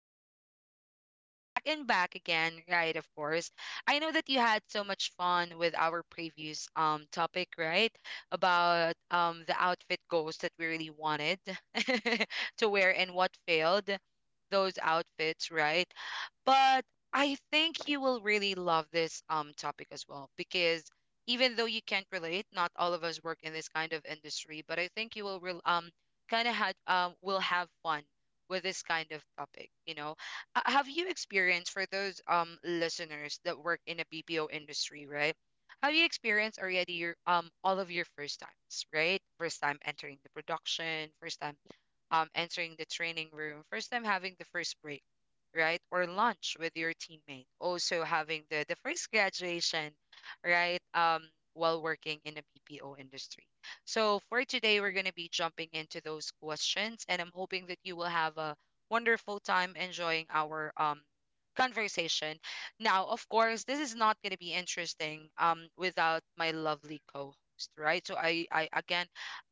and I'm back and back and back and back again, right? Of course, I know that you had so much fun with our previous topic, right? About the outfit goals that we really wanted to wear and what failed those outfits, right? But I think you will really love this topic as well because even though you can't relate, not all of us work in this kind of industry, but I think you will real kind of had will have fun with this kind of topic, Have you experienced for those listeners that work in a BPO industry, right? Have you experienced already your all of your first times, right? First time entering the production, first time entering the training room, first time having the first break, right? Or lunch with your teammate, also having the first graduation, right? While working in a BPO industry. So for today, we're going to be jumping into those questions, and I'm hoping that you will have a wonderful time enjoying our conversation. Now, of course, this is not going to be interesting without my lovely co-host, right? So I again,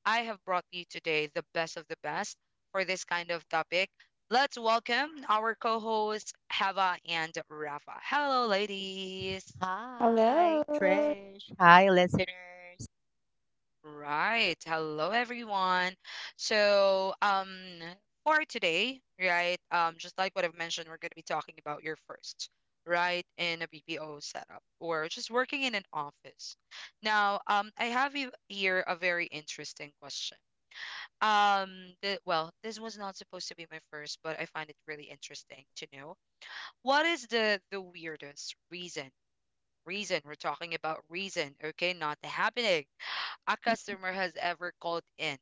I have brought you today the best of the best for this kind of topic. Let's welcome our co hosts, Hava and Rafa. Hello, ladies. Hello. Hi, Trish. Hi, listeners. Right. Hello, everyone. So, for today, right, just like what I've mentioned, we're going to be talking about your first, right, in a BPO setup or just working in an office. Now, here a very interesting question. Well, this was not supposed to be my first, but I find it really interesting to know. What is the weirdest reason? Reason, we're talking about reason, okay, not happening. A customer has ever called in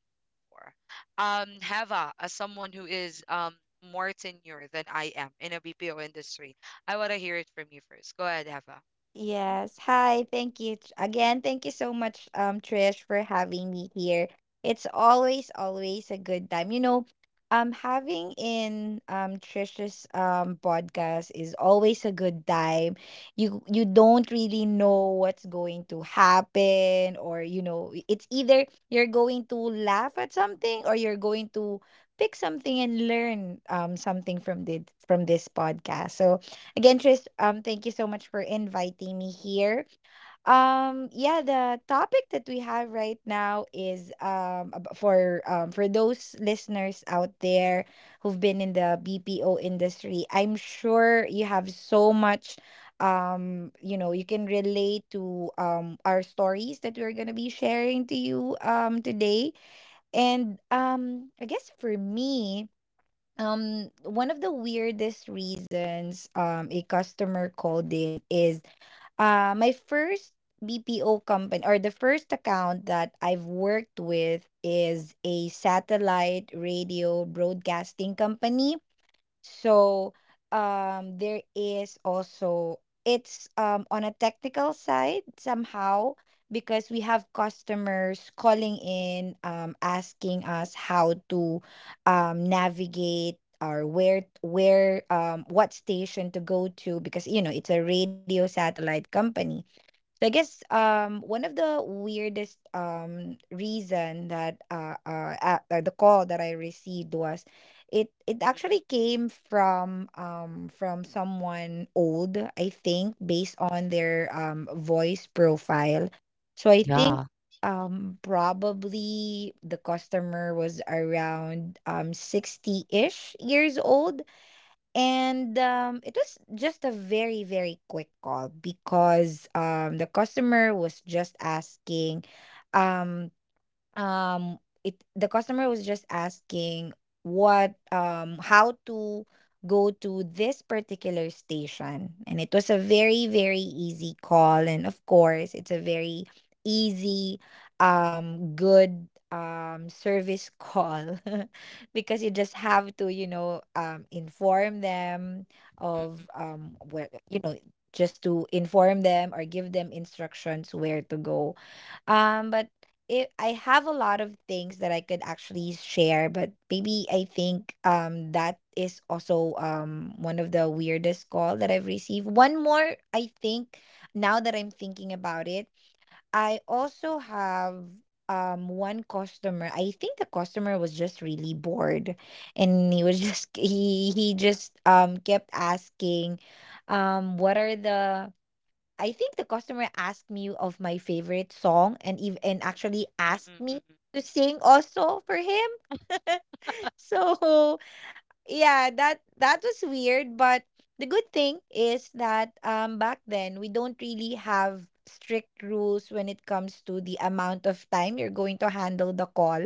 for. Heva, as someone who is more tenure than I am in a BPO industry, I want to hear it from you first. Go ahead, Heva. Yes. Hi. Thank you t- again. Thank you so much, Trish, for having me here. It's always, always a good time. Having in Trish's podcast is always a good time. You don't really know what's going to happen, or it's either you're going to laugh at something or you're going to pick something and learn something from this podcast. So again, Tris, thank you so much for inviting me here. Yeah, the topic that we have right now is for those listeners out there who've been in the BPO industry. I'm sure you have so much you can relate to our stories that we're gonna be sharing to you today, and I guess for me, one of the weirdest reasons a customer called in is my first BPO company, or the first account that I've worked with is a satellite radio broadcasting company. So there is also, it's on a technical side somehow, because we have customers calling in asking us how to navigate, or where what station to go to, because you know it's a radio satellite company. So I guess one of the weirdest reason, the call that I received was, it actually came from someone old, I think, based on their voice profile. So I think Yeah, probably the customer was around 60-ish years old, and it was just a very, very quick call, because the customer was just asking, um, it the customer was just asking what how to go to this particular station, and it was a very, very easy call. And of course, it's a very easy, good, service call because you just have to, inform them of Mm, where you know just to inform them, or give them instructions where to go. But it I have a lot of things that I could actually share, but maybe I think that is also one of the weirdest call that I've received. One more, I think, now that I'm thinking about it, I also have one customer. I think the customer was just really bored, and he was just he just kept asking, what are the I think the customer asked me of my favorite song, and actually mm, asked mm, me mm, mm, to sing also for him. So yeah, that that was weird, but the good thing is that back then we don't really have strict rules when it comes to the amount of time you're going to handle the call.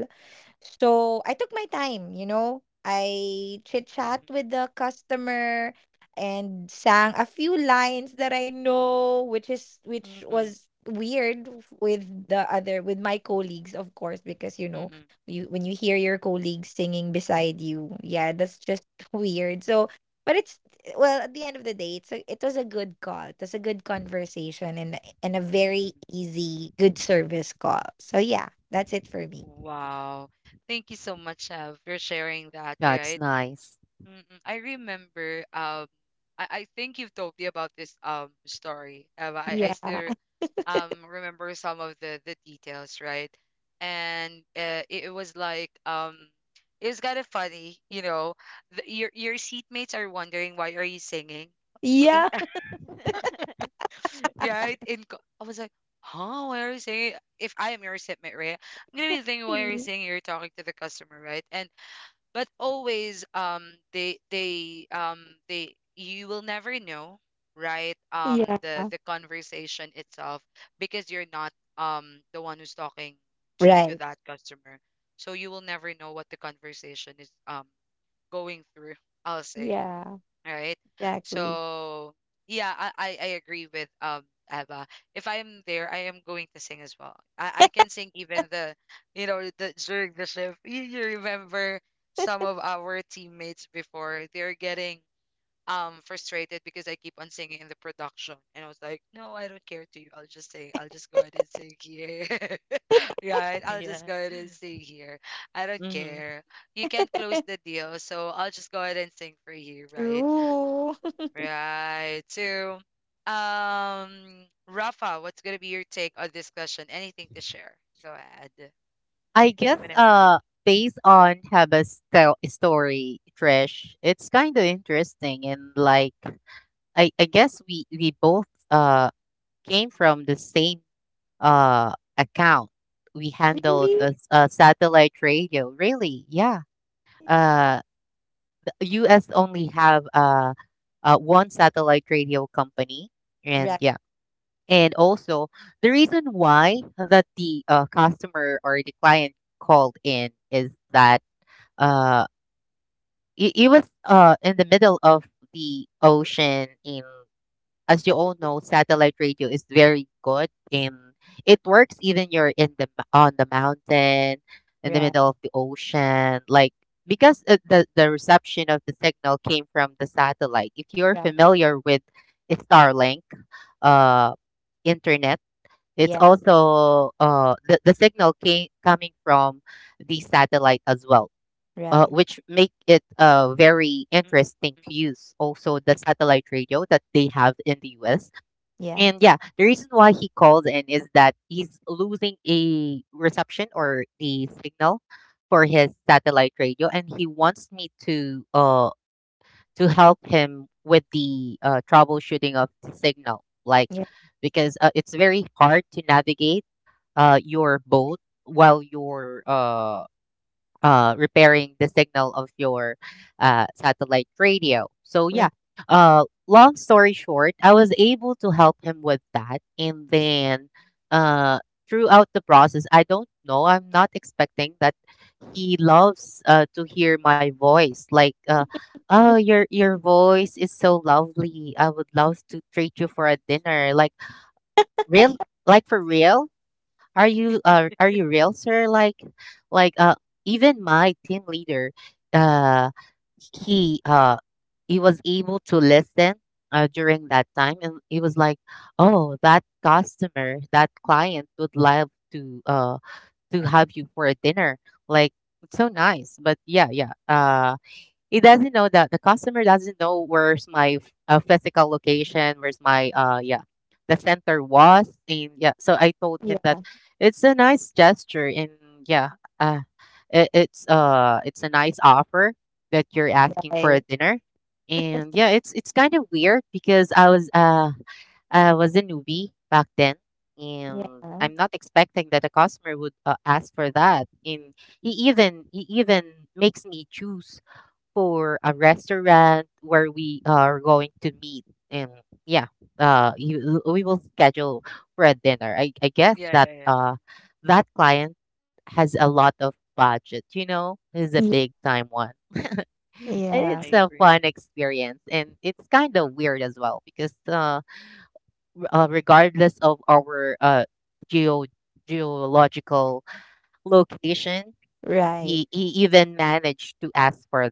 So I took my time, you know. I chit chat with the customer and sang a few lines that I know, which is mm, mm, which mm, mm, was weird with the other, with my colleagues, of course, because you mm, mm, know, mm, you when you hear your colleagues singing beside you, yeah, that's just weird. So but it's, well, at the end of the day, it was a good call, it was a good conversation, and a mm. Mm. very easy, good service call. So yeah, that's it for me. Wow. Thank you so much, Hev, for sharing that, that's right? nice. Mm, I remember I think you've told me about this story. But I Yeah. still remember some of the details, right? And it was like it was kind of funny, you know. Your seatmates are wondering, why are you singing? In, Yeah. right? I was like, huh? Why are you singing? If I am your seatmate, right? I'm gonna be thinking, why are you singing? You're talking to the customer, right? And but always they you will never know, right? Yeah. The conversation itself, because you're not the one who's talking to Right. that customer, so you will never know what the conversation is going through, I'll say, Yeah. all right? Exactly. So yeah, I agree with Eva. If I am there, I am going to sing as well. I can sing even the you know the during the shift. You remember some of our teammates before they're getting frustrated because I keep on singing in the production, and I was like, no, I don't care to you. I'll just sing. I'll just go ahead and sing here. Right? I'll just yeah. go ahead and sing here. I don't hmm care. You can't close the deal, so I'll just go ahead and sing for you, right? True. Right. So, Rafa, what's gonna be your take on this question? Anything to share? Go ahead. I Mm, guess whenever. Based on story, Trish, it's kind of interesting, and like I guess we both came from the same account. We handled Really? a, a satellite radio. Really? Yeah. Uh US only have one satellite radio company, and Right. yeah. And also, the reason why that the customer or the client called in is that uh it, it was in the middle of the ocean. In as you all know, satellite radio is very good, and it works even you're in on the mountain, in the middle Right. of the ocean, like because the reception of the signal came from the satellite. If you're Right. familiar with Starlink, uh, internet, it's Yeah. also the signal came coming from the satellite as well. Right. Which make it very Mm-mm, interesting mm, to use also the satellite radio that they have in the US. Yeah. And yeah, the reason why he called in is that he's losing a reception or the signal for his satellite radio, and he wants me to help him with the troubleshooting of the signal, like Yeah. because it's very hard to navigate your boat while you're repairing the signal of your satellite radio. So yeah, Yeah. Long story short, I was able to help him with that. And then mm, uh, throughout the process, I don't know. I'm not expecting that he loves to hear my voice. Like, oh, your voice is so lovely. I would love to treat you for a dinner. Like real, like for real, are you real, sir? Like, like uh, even my team leader, uh, he uh he was able to listen during that time, and he was like, "Oh, that customer, that client would love to uh to have you for a dinner. Like, it's so nice." But yeah, yeah. He doesn't know that the customer doesn't know where's my physical location, where's my yeah, the center was, and yeah. So I told him that it's a nice gesture, and yeah, it's a nice offer that you're asking for a Yeah. dinner, and yeah, it's kind of weird because I was a newbie back then. Right. And Yeah. I'm not expecting that a customer would ask for that. And he even makes me choose for a restaurant where we mm. are going to meet. And yeah, you, we will schedule for a dinner. I guess Yeah, that yeah, yeah. That client has a lot of budget, you know. Is a Yeah. big time one. And Yeah. it's I a agree. fun experience, and it's kind of weird as well because regardless of our geo geological location, Right. He even managed to ask for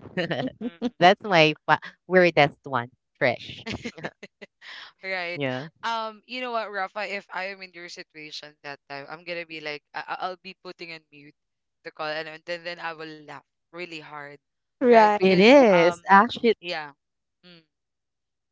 that. Mm-mm. That's my weirdest one, Trish. Right. Yeah. You know what, Rafa, if I am in your situation that time, I'm gonna be like, I'll be putting on mute the call, and then I will laugh really hard, right? Right. It Because is actually. yeah. Mm.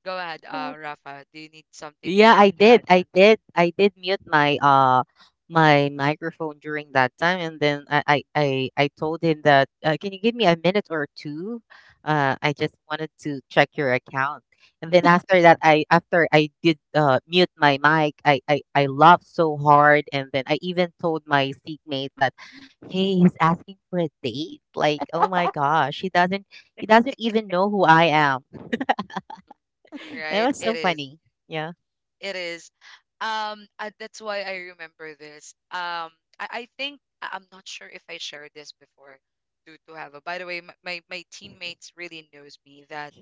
Go ahead, Yeah. Rafa. Do you need something Yeah, I to did. add on? I did. I did mute my my microphone during that time, and then Mm. I told him that, can you give me a minute or two? I just wanted to check your account. And then after that, I after I did mute my mic, I laughed so hard, and then I even told my seatmate that, hey, he's asking for a date. Like, oh my gosh, he doesn't even know who I am. That Right? was It so is. funny. Yeah. It is. That's why I remember this. I think I'm not sure if I shared this before to have a. By the way, my teammates really knows me that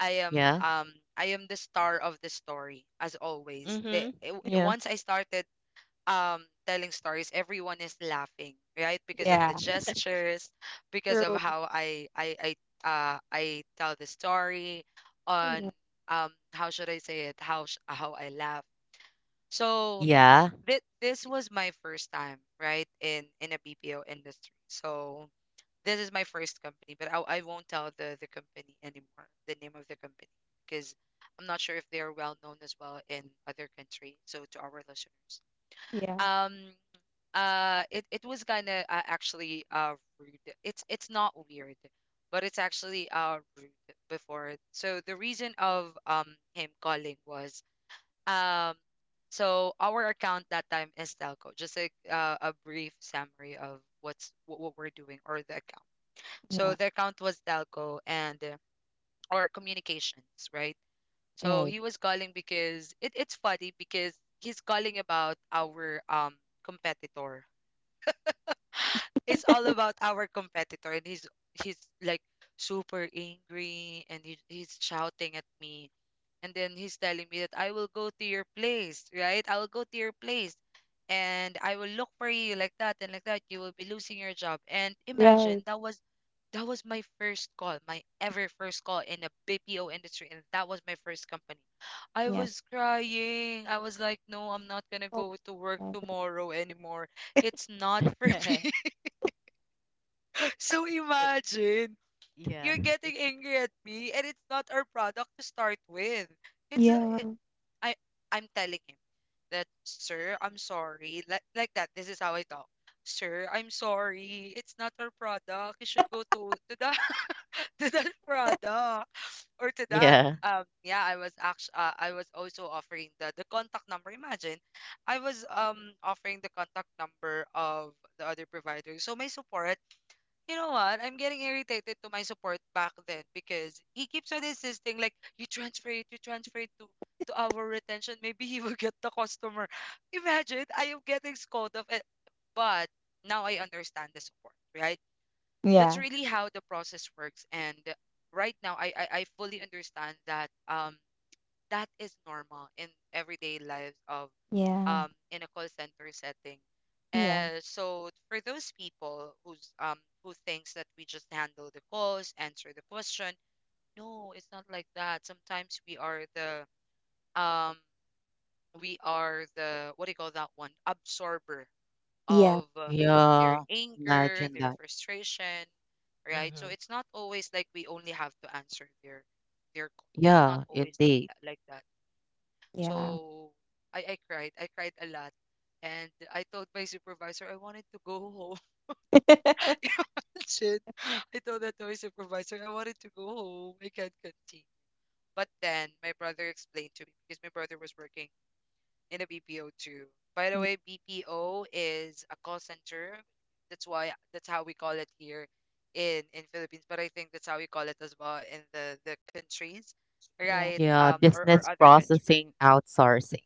Yeah. I am the star of the story as always. Mm-hmm. Yeah. Once I started telling stories, everyone is laughing, right? Because of the Yeah. gestures, because of True. how I tell the story on Yeah. How should I say it, how I laugh. So Yeah. th- this was my first time, right? In a BPO industry. So this is my first company, but I won't tell the company anymore, the name of the company, because I'm not sure if they're well known as well in other countries. So to our listeners, Yeah. um it was kind of actually rude. It's not weird, but it's actually rude before. So the reason of him calling was um so our account that time is telco. Just like a brief summary of what we're doing or the account. So Yeah. the account was telco and or communications, right? So Right. he was calling because it's funny because he's calling about our competitor. It's all about our competitor, and he's like super angry and he's shouting at me, and then he's telling me that I will go to your place, right? I will go to your place and I will look for you, like that and like that, you will be losing your job. And imagine, Right. That was my first call, my ever first call in the BPO industry, and that was my first company. I Yeah. was crying. I was like, no, I'm not gonna Oh, go to work right. tomorrow anymore. It's not for me. it, So imagine, yeah. you're It, getting angry at me and it's not our product to start with. It's a, Yeah. it, I I'm telling him that, sir, I'm sorry. Like that. This is how I talk. Sir, I'm sorry. It's not our product. You should go to that to that product or to that yeah. Yeah, I was actually I was also offering the contact number. Imagine, I was offering the contact number of the other provider. So my support, you know what? I'm getting irritated to my support back then because he keeps on insisting, like, you transfer it to our retention. Maybe he will get the customer. Imagine, I am getting scolded of it. But now I understand the support, right? That's Yeah. really how the process works. And right now I fully understand that that is normal in everyday lives of Yeah. In a call center setting. Yeah. So for those people who's who thinks that we just handle the calls, answer the question, no, it's not like that. Sometimes we are the um, we are the, what do you call that one? Absorber Yeah. of their Yeah. anger, Imagine their that. frustration, right? So Mm-hmm. it's not always like we only have to answer their calls. It's not Yeah, always like indeed. that. Yeah. So I cried. I cried a lot. And I told my supervisor I wanted to go home. Imagine. I told that to my supervisor I wanted to go home. I can't continue. But then my brother explained to me, because my brother was working in a BPO too. By the Yeah. way, BPO is a call center. That's why that's how we call it here in Philippines. But I think that's how we call it as well in the countries, Yeah. right? Yeah, Or business other countries. processing outsourcing.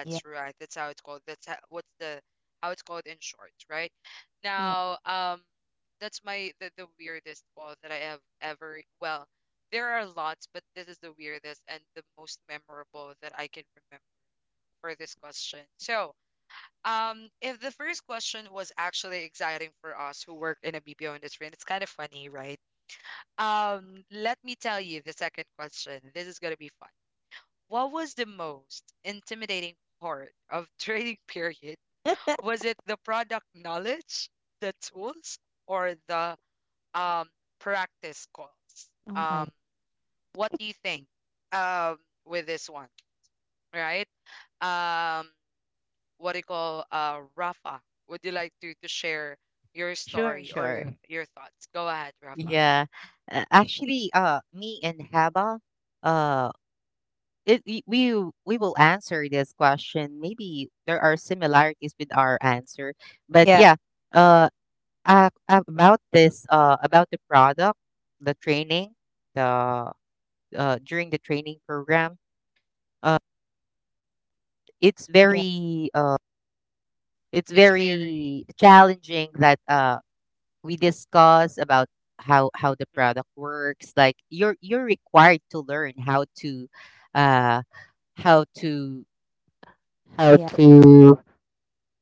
Yeah. right. That's how it's called. That's how, what's the how it's called in short, right? Yeah. Now, that's my the weirdest call that I have ever. Well, there are lots, but this is the weirdest and the most memorable that I can remember for this question. So, if the first question was actually exciting for us who work in a BPO industry, and it's kind of funny, right? Let me tell you the second question. This is gonna be fun. What was the most intimidating part of trading period? Was it the product knowledge, the tools, or the um practice calls? Oh my. Um, what do you think? Um, with this one, right? Um, what do you call Rafa? Would you like to share your Sure, story or sure. Your thoughts? Go ahead, Rafa. Yeah. Me and Haba, uh, we will answer this question. Maybe there are similarities with our answer, but yeah, uh, about this, about the product, the training, the during the training program, uh, i- it's Yeah, very uh, it's It's very very challenging that we discuss about how the product works. Like you're required to learn how to, uh, how to mm, how yeah. to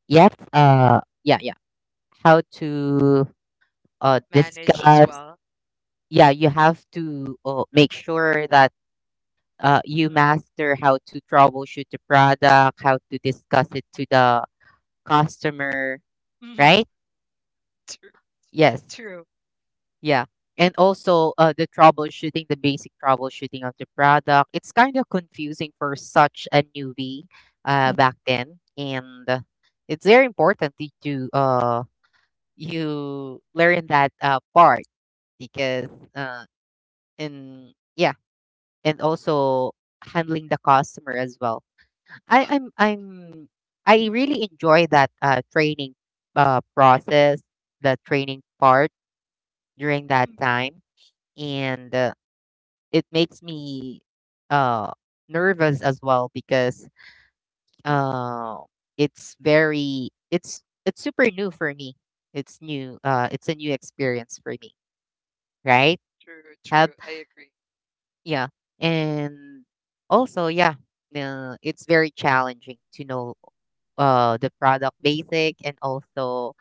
yes mm, mm, how to managed as discuss. well. Yeah, you have to make sure that you Mm, master how to troubleshoot the product, how to discuss it to the customer, right? true. Yes. True. Yeah. And also, the troubleshooting, the basic troubleshooting of the product. It's kind of confusing for such a newbie mm, back then. And it's very important that you learn that part because, uh, and yeah, and also handling the customer as well. Mm, mm, I'm I really enjoy that training process, the training part during that mm, mm. time. And it makes me uh, nervous as well because uh, it's very it's super new for me. It's new. It's a new experience for me, right? True, Have true. I agree. yeah, and also yeah, it's very challenging to know the product basic, and also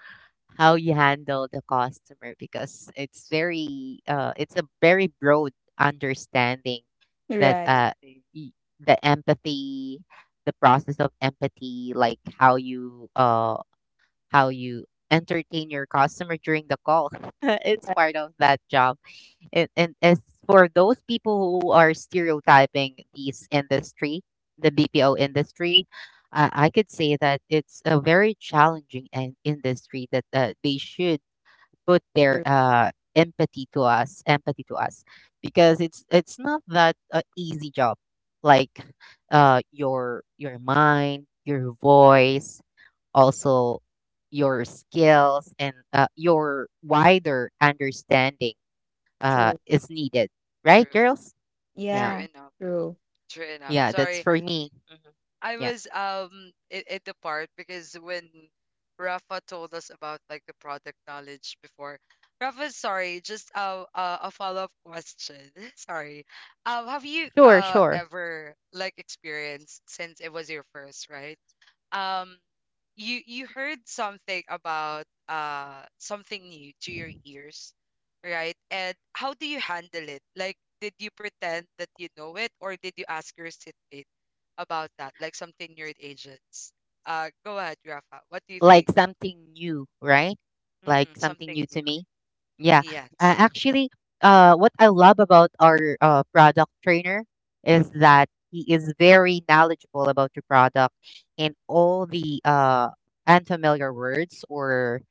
how you handle the customer, because it's very it's a very broad understanding that right, Definitely. y- the empathy, the process of empathy, like how you entertain your customer during the call. It's right. part of that job. And as for those people who are stereotyping this industry, the BPO industry, I could say that it's a very challenging an industry that they should put their True, empathy to us, because it's not that easy job. Like your mind, your voice, also your skills, and your wider understanding true. is needed, right, True. girls? Yeah, True Yeah, enough. true. True enough. yeah, that's Sorry, for me. Mhm. I Yeah, was in the part because when Rafa told us about like the product knowledge before, Rafa, sorry, just a follow-up question. Sorry. Have you sure, sure. ever like experienced, since it was your first, right? um you you heard something about something new to your ears, right? And how do you handle it? Like, did you pretend that you know it, or did you ask your seatmate about that, like something your agents? Go ahead, Rafa, what do you think? Like something new, right? Like Mm-mm, something new something to new. me. Yeah, uh, Yes. actually, what I love about our product trainer is that he is very knowledgeable about your product, and all the unfamiliar words, or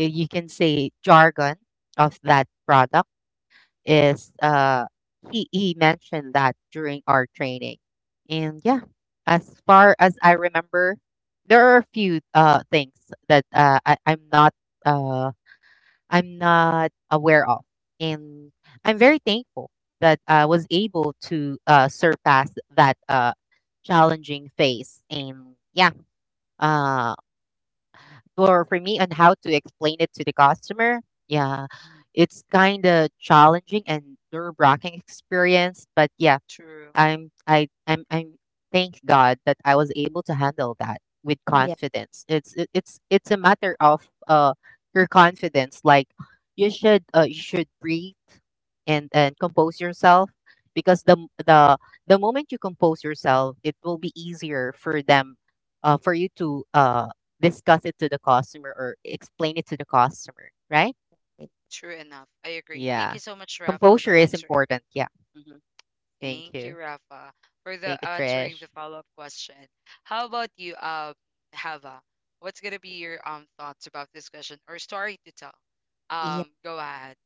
you can say jargon of that product is he mentioned that during our training. And yeah, as far as I remember, there are a few things that uh I'm not aware of. And I'm very thankful that I was able to surpass that challenging phase. And yeah, uh for me on how to explain it to the customer, yeah, it's kind of challenging and nerve-wracking experience. But yeah, True. I'm thank God that I was able to handle that with Yeah, confidence. It's a matter of your confidence. Like you should breathe and compose yourself, because the moment you compose yourself, it will be easier for them for you to discuss it to the customer, or explain it to the customer, right? it- True enough, I agree. Thank Yeah. you so much, Rafa, for Composure is answering. important. Yeah. hmm Thank Thank you, you. Rafa, for Thank the you, answering Trish. the follow-up question. How about you, Hava? What's gonna be your thoughts about this question or story to tell? yeah. Go ahead.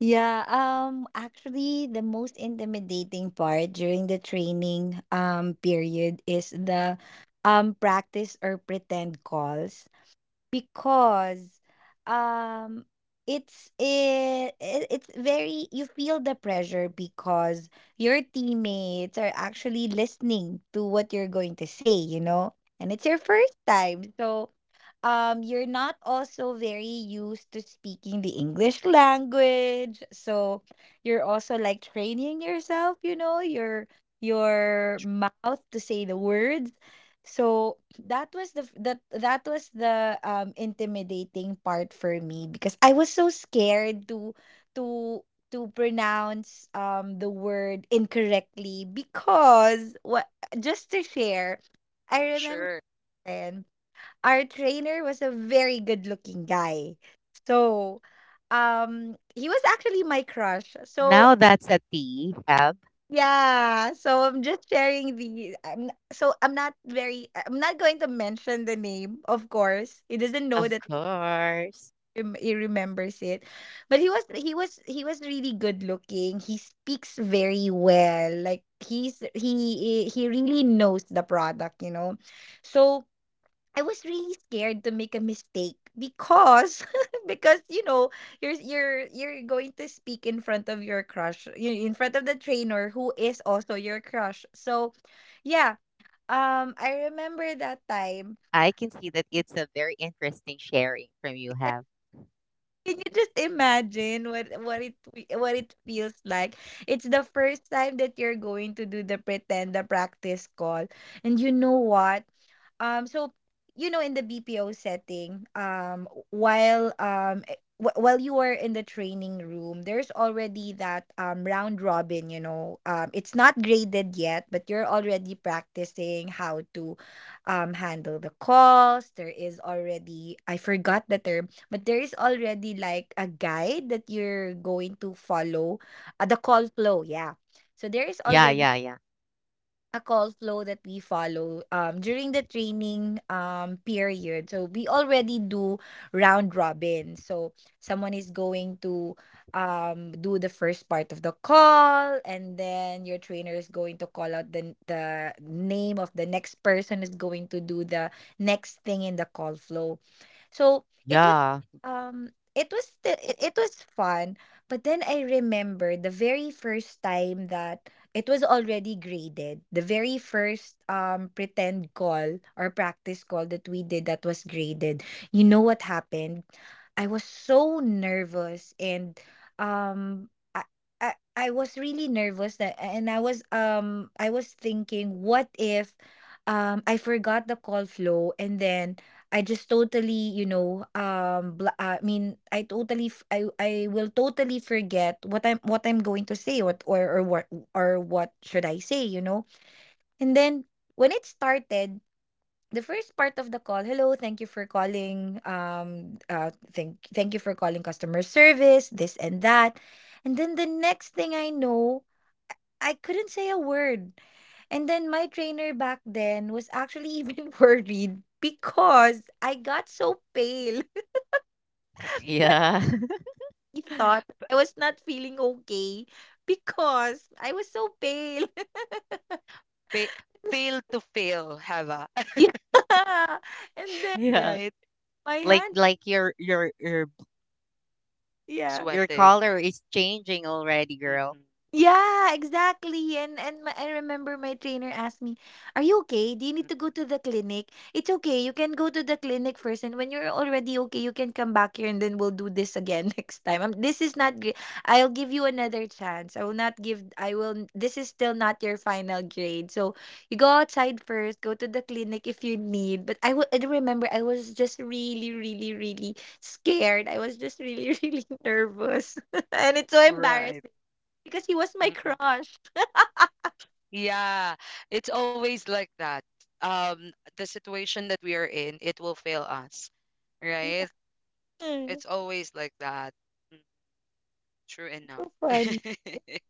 Yeah, actually the most intimidating part during the training period is the practice or pretend calls, because um it it's very, you feel the pressure because your teammates are actually listening to what you're going to say, you know, and it's your first time. So you're not also very used to speaking the English language, so you're also like training yourself, you know, your mouth to say the words. So that that was the intimidating part for me, because I was so scared to to pronounce the word incorrectly because what just to share, I remember Sure. then our trainer was a very good looking guy. So he was actually my crush. So Now that's a tea, Hab. yeah, so I'm just sharing the I'm n- so I'm not very I'm not going to mention the name, of course. He doesn't know Of that course. He remembers it. But he was really good looking. He speaks very well. Like he really knows the product, you know. So I was really scared to make a mistake because because you know, you're going to speak in front of your crush, in front of the trainer who is also your crush. So yeah, I remember that time. I can see that it's a very interesting sharing from you, Hab. Can you just imagine what it feels like? It's the first time that you're going to do the practice call. And you know what? Um, so you know, in the BPO setting, while you are in the training room, there's already that round robin. You know, it's not graded yet, but you're already practicing how to handle the calls. There is already, I forgot the term, but there is already like a guide that you're going to follow, the call flow. Yeah. So there is Yeah, already yeah, yeah. a call flow that we follow during the training period. So we already do round robin. So someone is going to do the first part of the call, and then your trainer is going to call out the name of the next person is going to do the next thing in the call flow. So Yeah. It was fun, but then I remember the very first time that it was already graded. The very first pretend call or practice call that we did that was graded. You know what happened? I was so nervous, and um I, I was really nervous, that and I was thinking, what if I forgot the call flow, and then I just totally, you know bla I mean I totally I will totally forget what I'm, what I'm going to say, what or what should I say, you know? And then when it started, the first part of the call, hello, thank you for calling. Thank you for calling customer service, this and that. And then the next thing I know, I couldn't say a word. And then my trainer back then was actually even worried because I got so pale. Yeah. He thought I was not feeling okay because I was so pale. Pa- pale to fail, Hava. Yeah. And then yeah. Right. my hand, Like yeah. your Sweating. color is changing already, girl. Mm-mm, Yeah, exactly. And I remember my trainer asked me, "Are you okay? Do you need to go mm-mm. to the clinic? It's okay. You can go to the clinic first, and when you're already okay, you can come back here, and then we'll do this again next time. This is not great. I'll give you another chance. I will not give. I will. This is still not your final grade. So you go outside first. Go to the clinic if you need. But I will. I remember I was just really, really, really scared. I was just really, really nervous, and it's so Right. embarrassing because he was my Mm-mm. crush. Yeah, it's always like that. The situation that we are in, it will fail us, right? Yeah. Mm. It's always like that. Mm. True enough. So fun.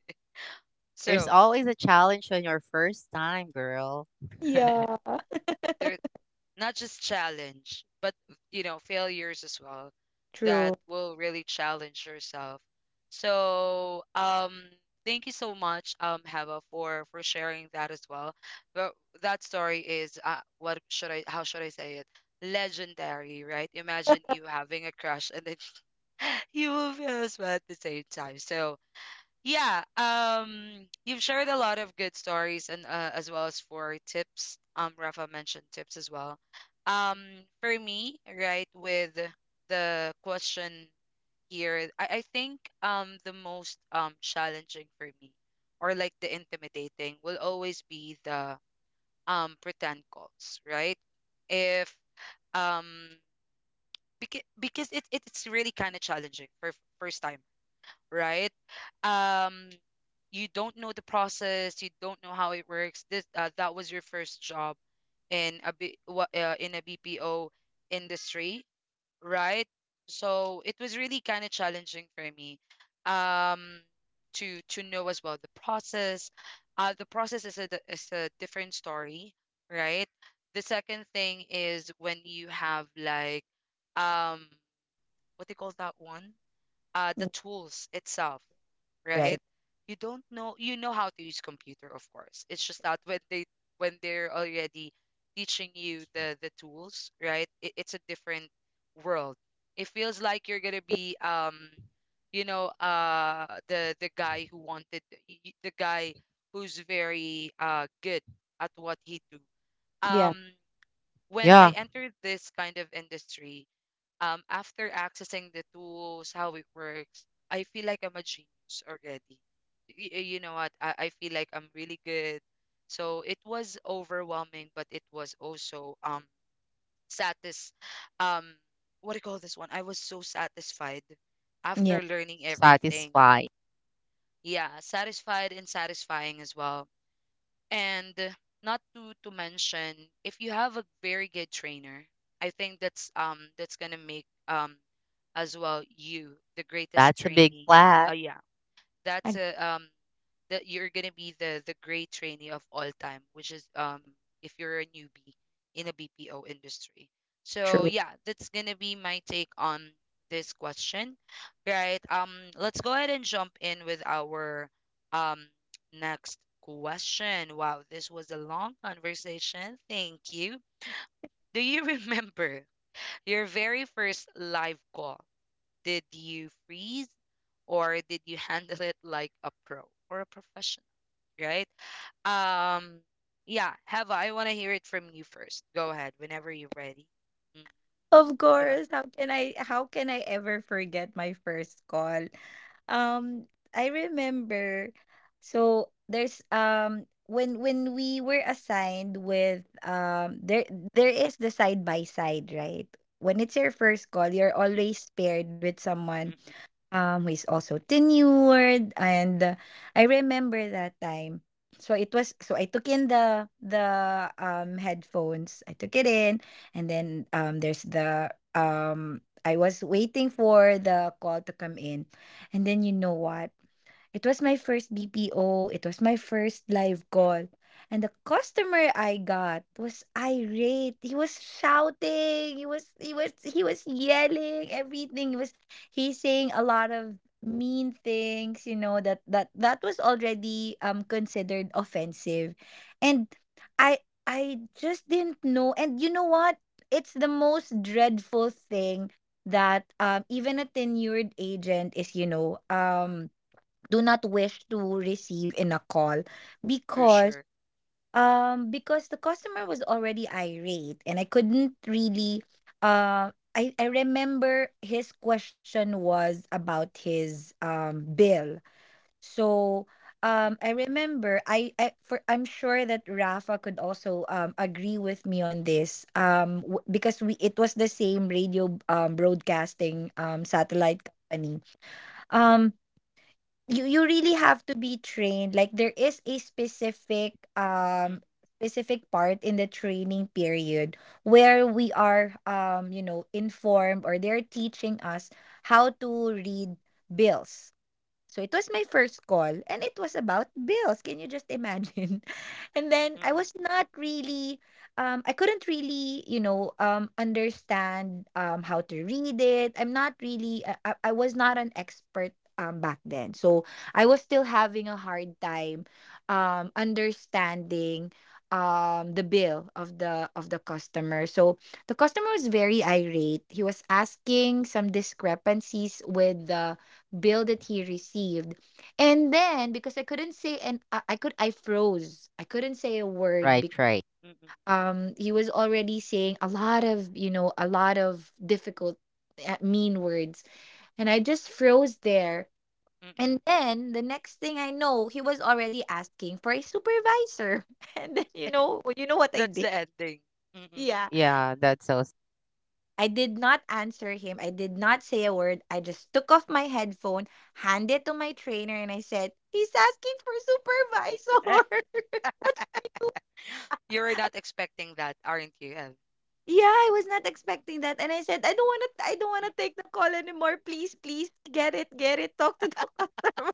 There's So, always a challenge on your first time, girl. Yeah. they're not just challenge, but you know, failures as well that True. will really challenge yourself. So thank you so much, Heva, for sharing that as well. But that story is what should I how should I say it? Legendary, right? Imagine you having a crush and then you will feel as well at the same time. So yeah, you've shared a lot of good stories and as well as for tips. Rafa mentioned tips as well. Um, for me, right, with the question here, I think the most challenging for me, or like the intimidating will always be the pretend calls, right? If um, because it it's really kind of challenging for f- first timers, right? Um, you don't know the process, you don't know how it works. This that was your first job in a B, wa- in a BPO industry, right? So it was really kind of challenging for me um, to know as well the process. The process is a di- is a different story, right? The second thing is when you have like um, what do you call that one? Uh, the Mm. tools itself, right? Right. You don't know you know how to use computer, of course. It's just that when they when they're already teaching you the tools, right? It, it's a different world. It feels like you're gonna be you know, the guy who wanted y- y- the guy who's very good at what he do. Yeah. Um, when I yeah. entered this kind of industry, after accessing the tools, how it works, I feel like I'm a genius already. Y- y- you know what? I feel like I'm really good. So it was overwhelming, but it was also satis um, what do you call this one? I was so satisfied after Yeah. learning everything. Satisfying. Yeah, satisfied and satisfying as well. And not to to mention, if you have a very good trainer, I think that's gonna make as well you the greatest That's a big trainee. flat. Yeah, that's Ag- a that you're gonna be the great trainee of all time, which is if you're a newbie in a BPO industry. So True. yeah, that's gonna be my take on this question, right? Let's go ahead and jump in with our um next question. Wow, this was a long conversation. Thank you. Do you remember your very first live call? Did you freeze, or did you handle it like a pro or a professional, right? Um, yeah, Have, I want to hear it from you first. Go ahead whenever you're ready. Mm-hmm. Of Go ahead. course. How can I ever forget my first call? Um I remember, so there's when we were assigned with there is the side by side, right? When it's your first call, you're always paired with someone Mm-mm, who is also tenured, and I remember that time. So it was so I took in the headphones. I took it in, and then there's the I was waiting for the call to come in. And then you know what? It was my first BPO, it was my first live mm, call. And the customer I got was irate. He was shouting. He was yelling everything. He's saying a lot of mean things, you know, that was already considered offensive. And I just didn't know. And you know what? It's the most dreadful thing that even a tenured agent is, you know, do not wish to receive in a call, for because sure. Because the customer was already irate, and I couldn't really uh I remember his question was about his bill. So Mm-mm, I remember I'm sure that Rafa could also agree with me on this because we, it was the same radio broadcasting satellite company. Um, you you really mm-mm, have to be trained, like there is a specific mm-mm, specific part in the training period where we are, you know, informed, or they're teaching us how to read bills. So it was my first call, and it was about bills. Can you just imagine? And then I mm-mm, was not really I couldn't really, you know, understand how to read it. I'm not really, I was not an expert back then. So I was still having a hard time understanding the bill of the customer. So the customer was very irate. He was asking some discrepancies with the bill that he received. And then because I couldn't say, and I could I froze. I couldn't say a word. Right, right. mm-mm, mm-mm, He was already saying a lot of, you know, a lot of difficult, mean words, and I just froze there. mm-mm. And then the next thing I know, he was already asking for a supervisor. And then you know what I That's did? the ending. Mm-mm. Yeah. Yeah, that's so. I did not answer him. I did not say a word. I just took off my headphone, handed to my trainer, and I said, he's asking for supervisor. You're not expecting that, aren't you, Ev? Yeah, I was not expecting that. And I said, I don't wanna Mm-mm. take the call anymore. Please, please get it, get it. Talk to the customer.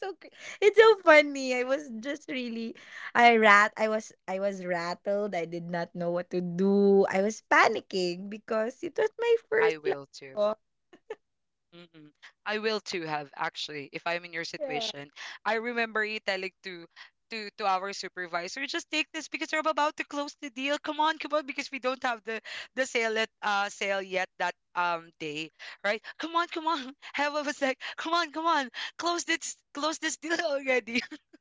so cr- it's so funny. I was just really, I was rattled. I did not know what to do. I was panicking because it was my first I live will too. call. Mm-mm. I will too, Have, actually, if I'm in your Yeah. situation. I remember you telling to our supervisor, just take this because we're about to close the deal. Come on, come on, because we don't have the sale at sale yet that day, right? Come on, come on. Heva was like, come on, come on, close this deal already.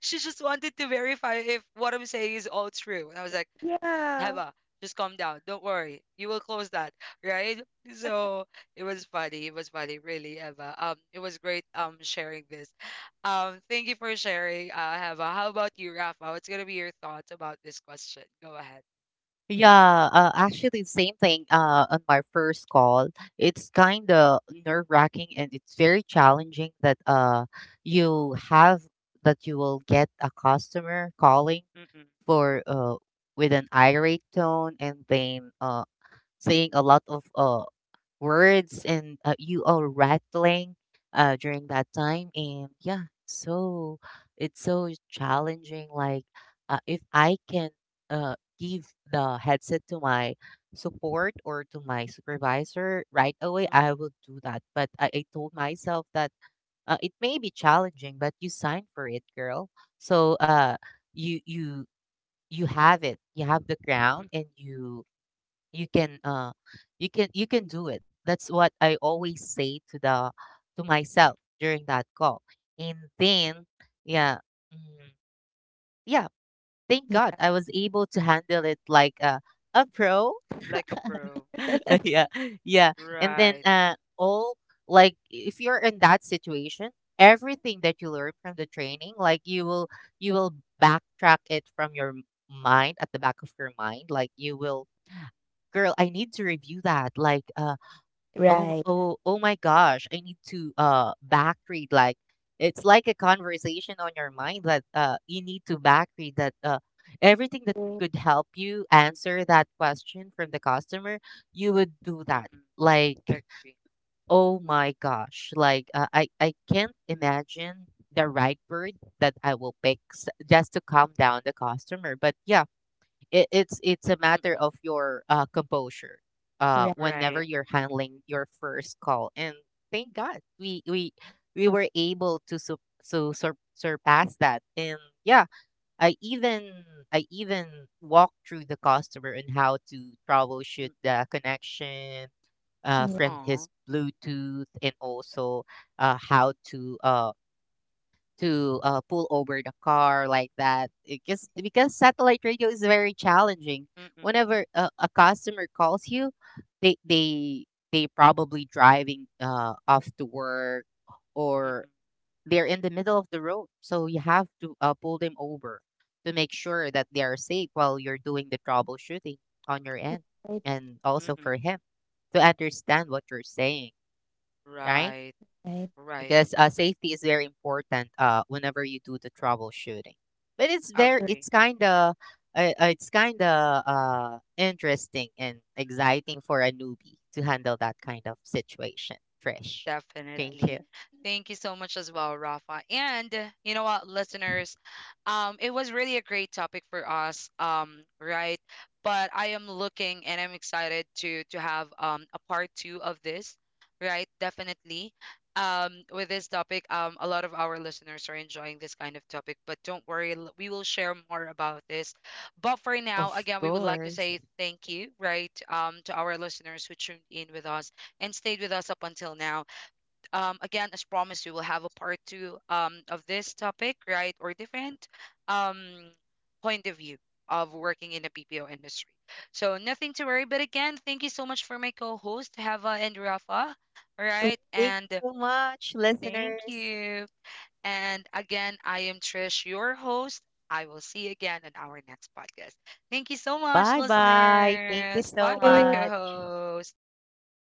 She just wanted to verify if what I'm saying is all true. And I was like, Yeah. Heba, just calm down. Don't worry. You will close that, right? So it was funny. It was funny, really, Eva. It was great sharing this. Thank you for sharing, Heba. How about you, Rafa? What's gonna be your thoughts about this question? Go ahead. Mm-hmm. Yeah, actually, same thing. On my first call, it's kind of nerve wracking, and it's very challenging that you have that you will get a customer calling Mm-mm. for with an irate tone, and then saying a lot of words, and you are rattling during that time. And yeah, so it's so challenging. Like if I can give the headset to my support or to my supervisor right away, Mm-mm. I will do that. But I told myself that it may be challenging, but you signed for it, girl. So you you you have it, you have the Mm-mm. Mm-mm. ground, and you can uh you can do it. That's what I always say to the to myself during that call. And then yeah, mm, yeah, thank god I was able to handle it like a pro. Like a pro, Yeah. Yeah, yeah. And then right? All, like, if you're in that situation, everything that you learn from the training, like you will backtrack it from mind, at the back of your mind. Like you will, girl, I need to review that, like Oh, Right. oh, oh my gosh. I need to back read. Like it's like a conversation on your mind, that you need to back read, that everything that could help you answer that question from the customer, you would do that. Mm-mm. Like, Agree. oh my gosh. Like I can't imagine the right word that I will pick just to calm down the customer. But yeah, it's a matter Mm-mm. of your, composure, Right. Right. whenever you're handling your first call. And thank God we were able to sup so sur surpass that. And yeah, I even I even walked through the customer and how to troubleshoot Mm-mm. the connection, Right. from Aw. his Bluetooth, and also, uh, how to, uh to pull over the car, like that. Because satellite radio is very challenging Mm-mm. whenever a customer calls you, they they they probably driving off to work, or Mm-mm. they're in the middle of the road, so you have to pull them over to make sure that they are safe while you're doing the troubleshooting on your end, and also Mm-mm. for him to understand what you're saying, right? Right. Right. Right. Because safety is very important whenever you do the troubleshooting. But it's very, Agree. It's kind of interesting and exciting for a newbie to handle that kind of situation. Trish, thank you. Definitely. Thank you so much as well, Rafa. And you know what, listeners, it was really a great topic for us, right? But I am looking and I'm excited to have a part two of this, right? Definitely. With this topic, a lot of our listeners are enjoying this kind of topic, but don't worry, l- we will share more about this. But for now, Of again, we would like to course. say thank you, right, to our listeners who tuned in with us and stayed with us up until now. Um, again, as promised, we will have a part two of this topic, right? Or different um point of view of working in the BPO industry. So, nothing to worry, but again, thank you so much for my co-host Hava and Rafa. All right. Thank And you so much, thank listeners. you. And again, I am Trish, your host. I will see you again in our next podcast. Thank you so much, Bye bye. Thank you listeners. Bye so bye, True. much. co-host.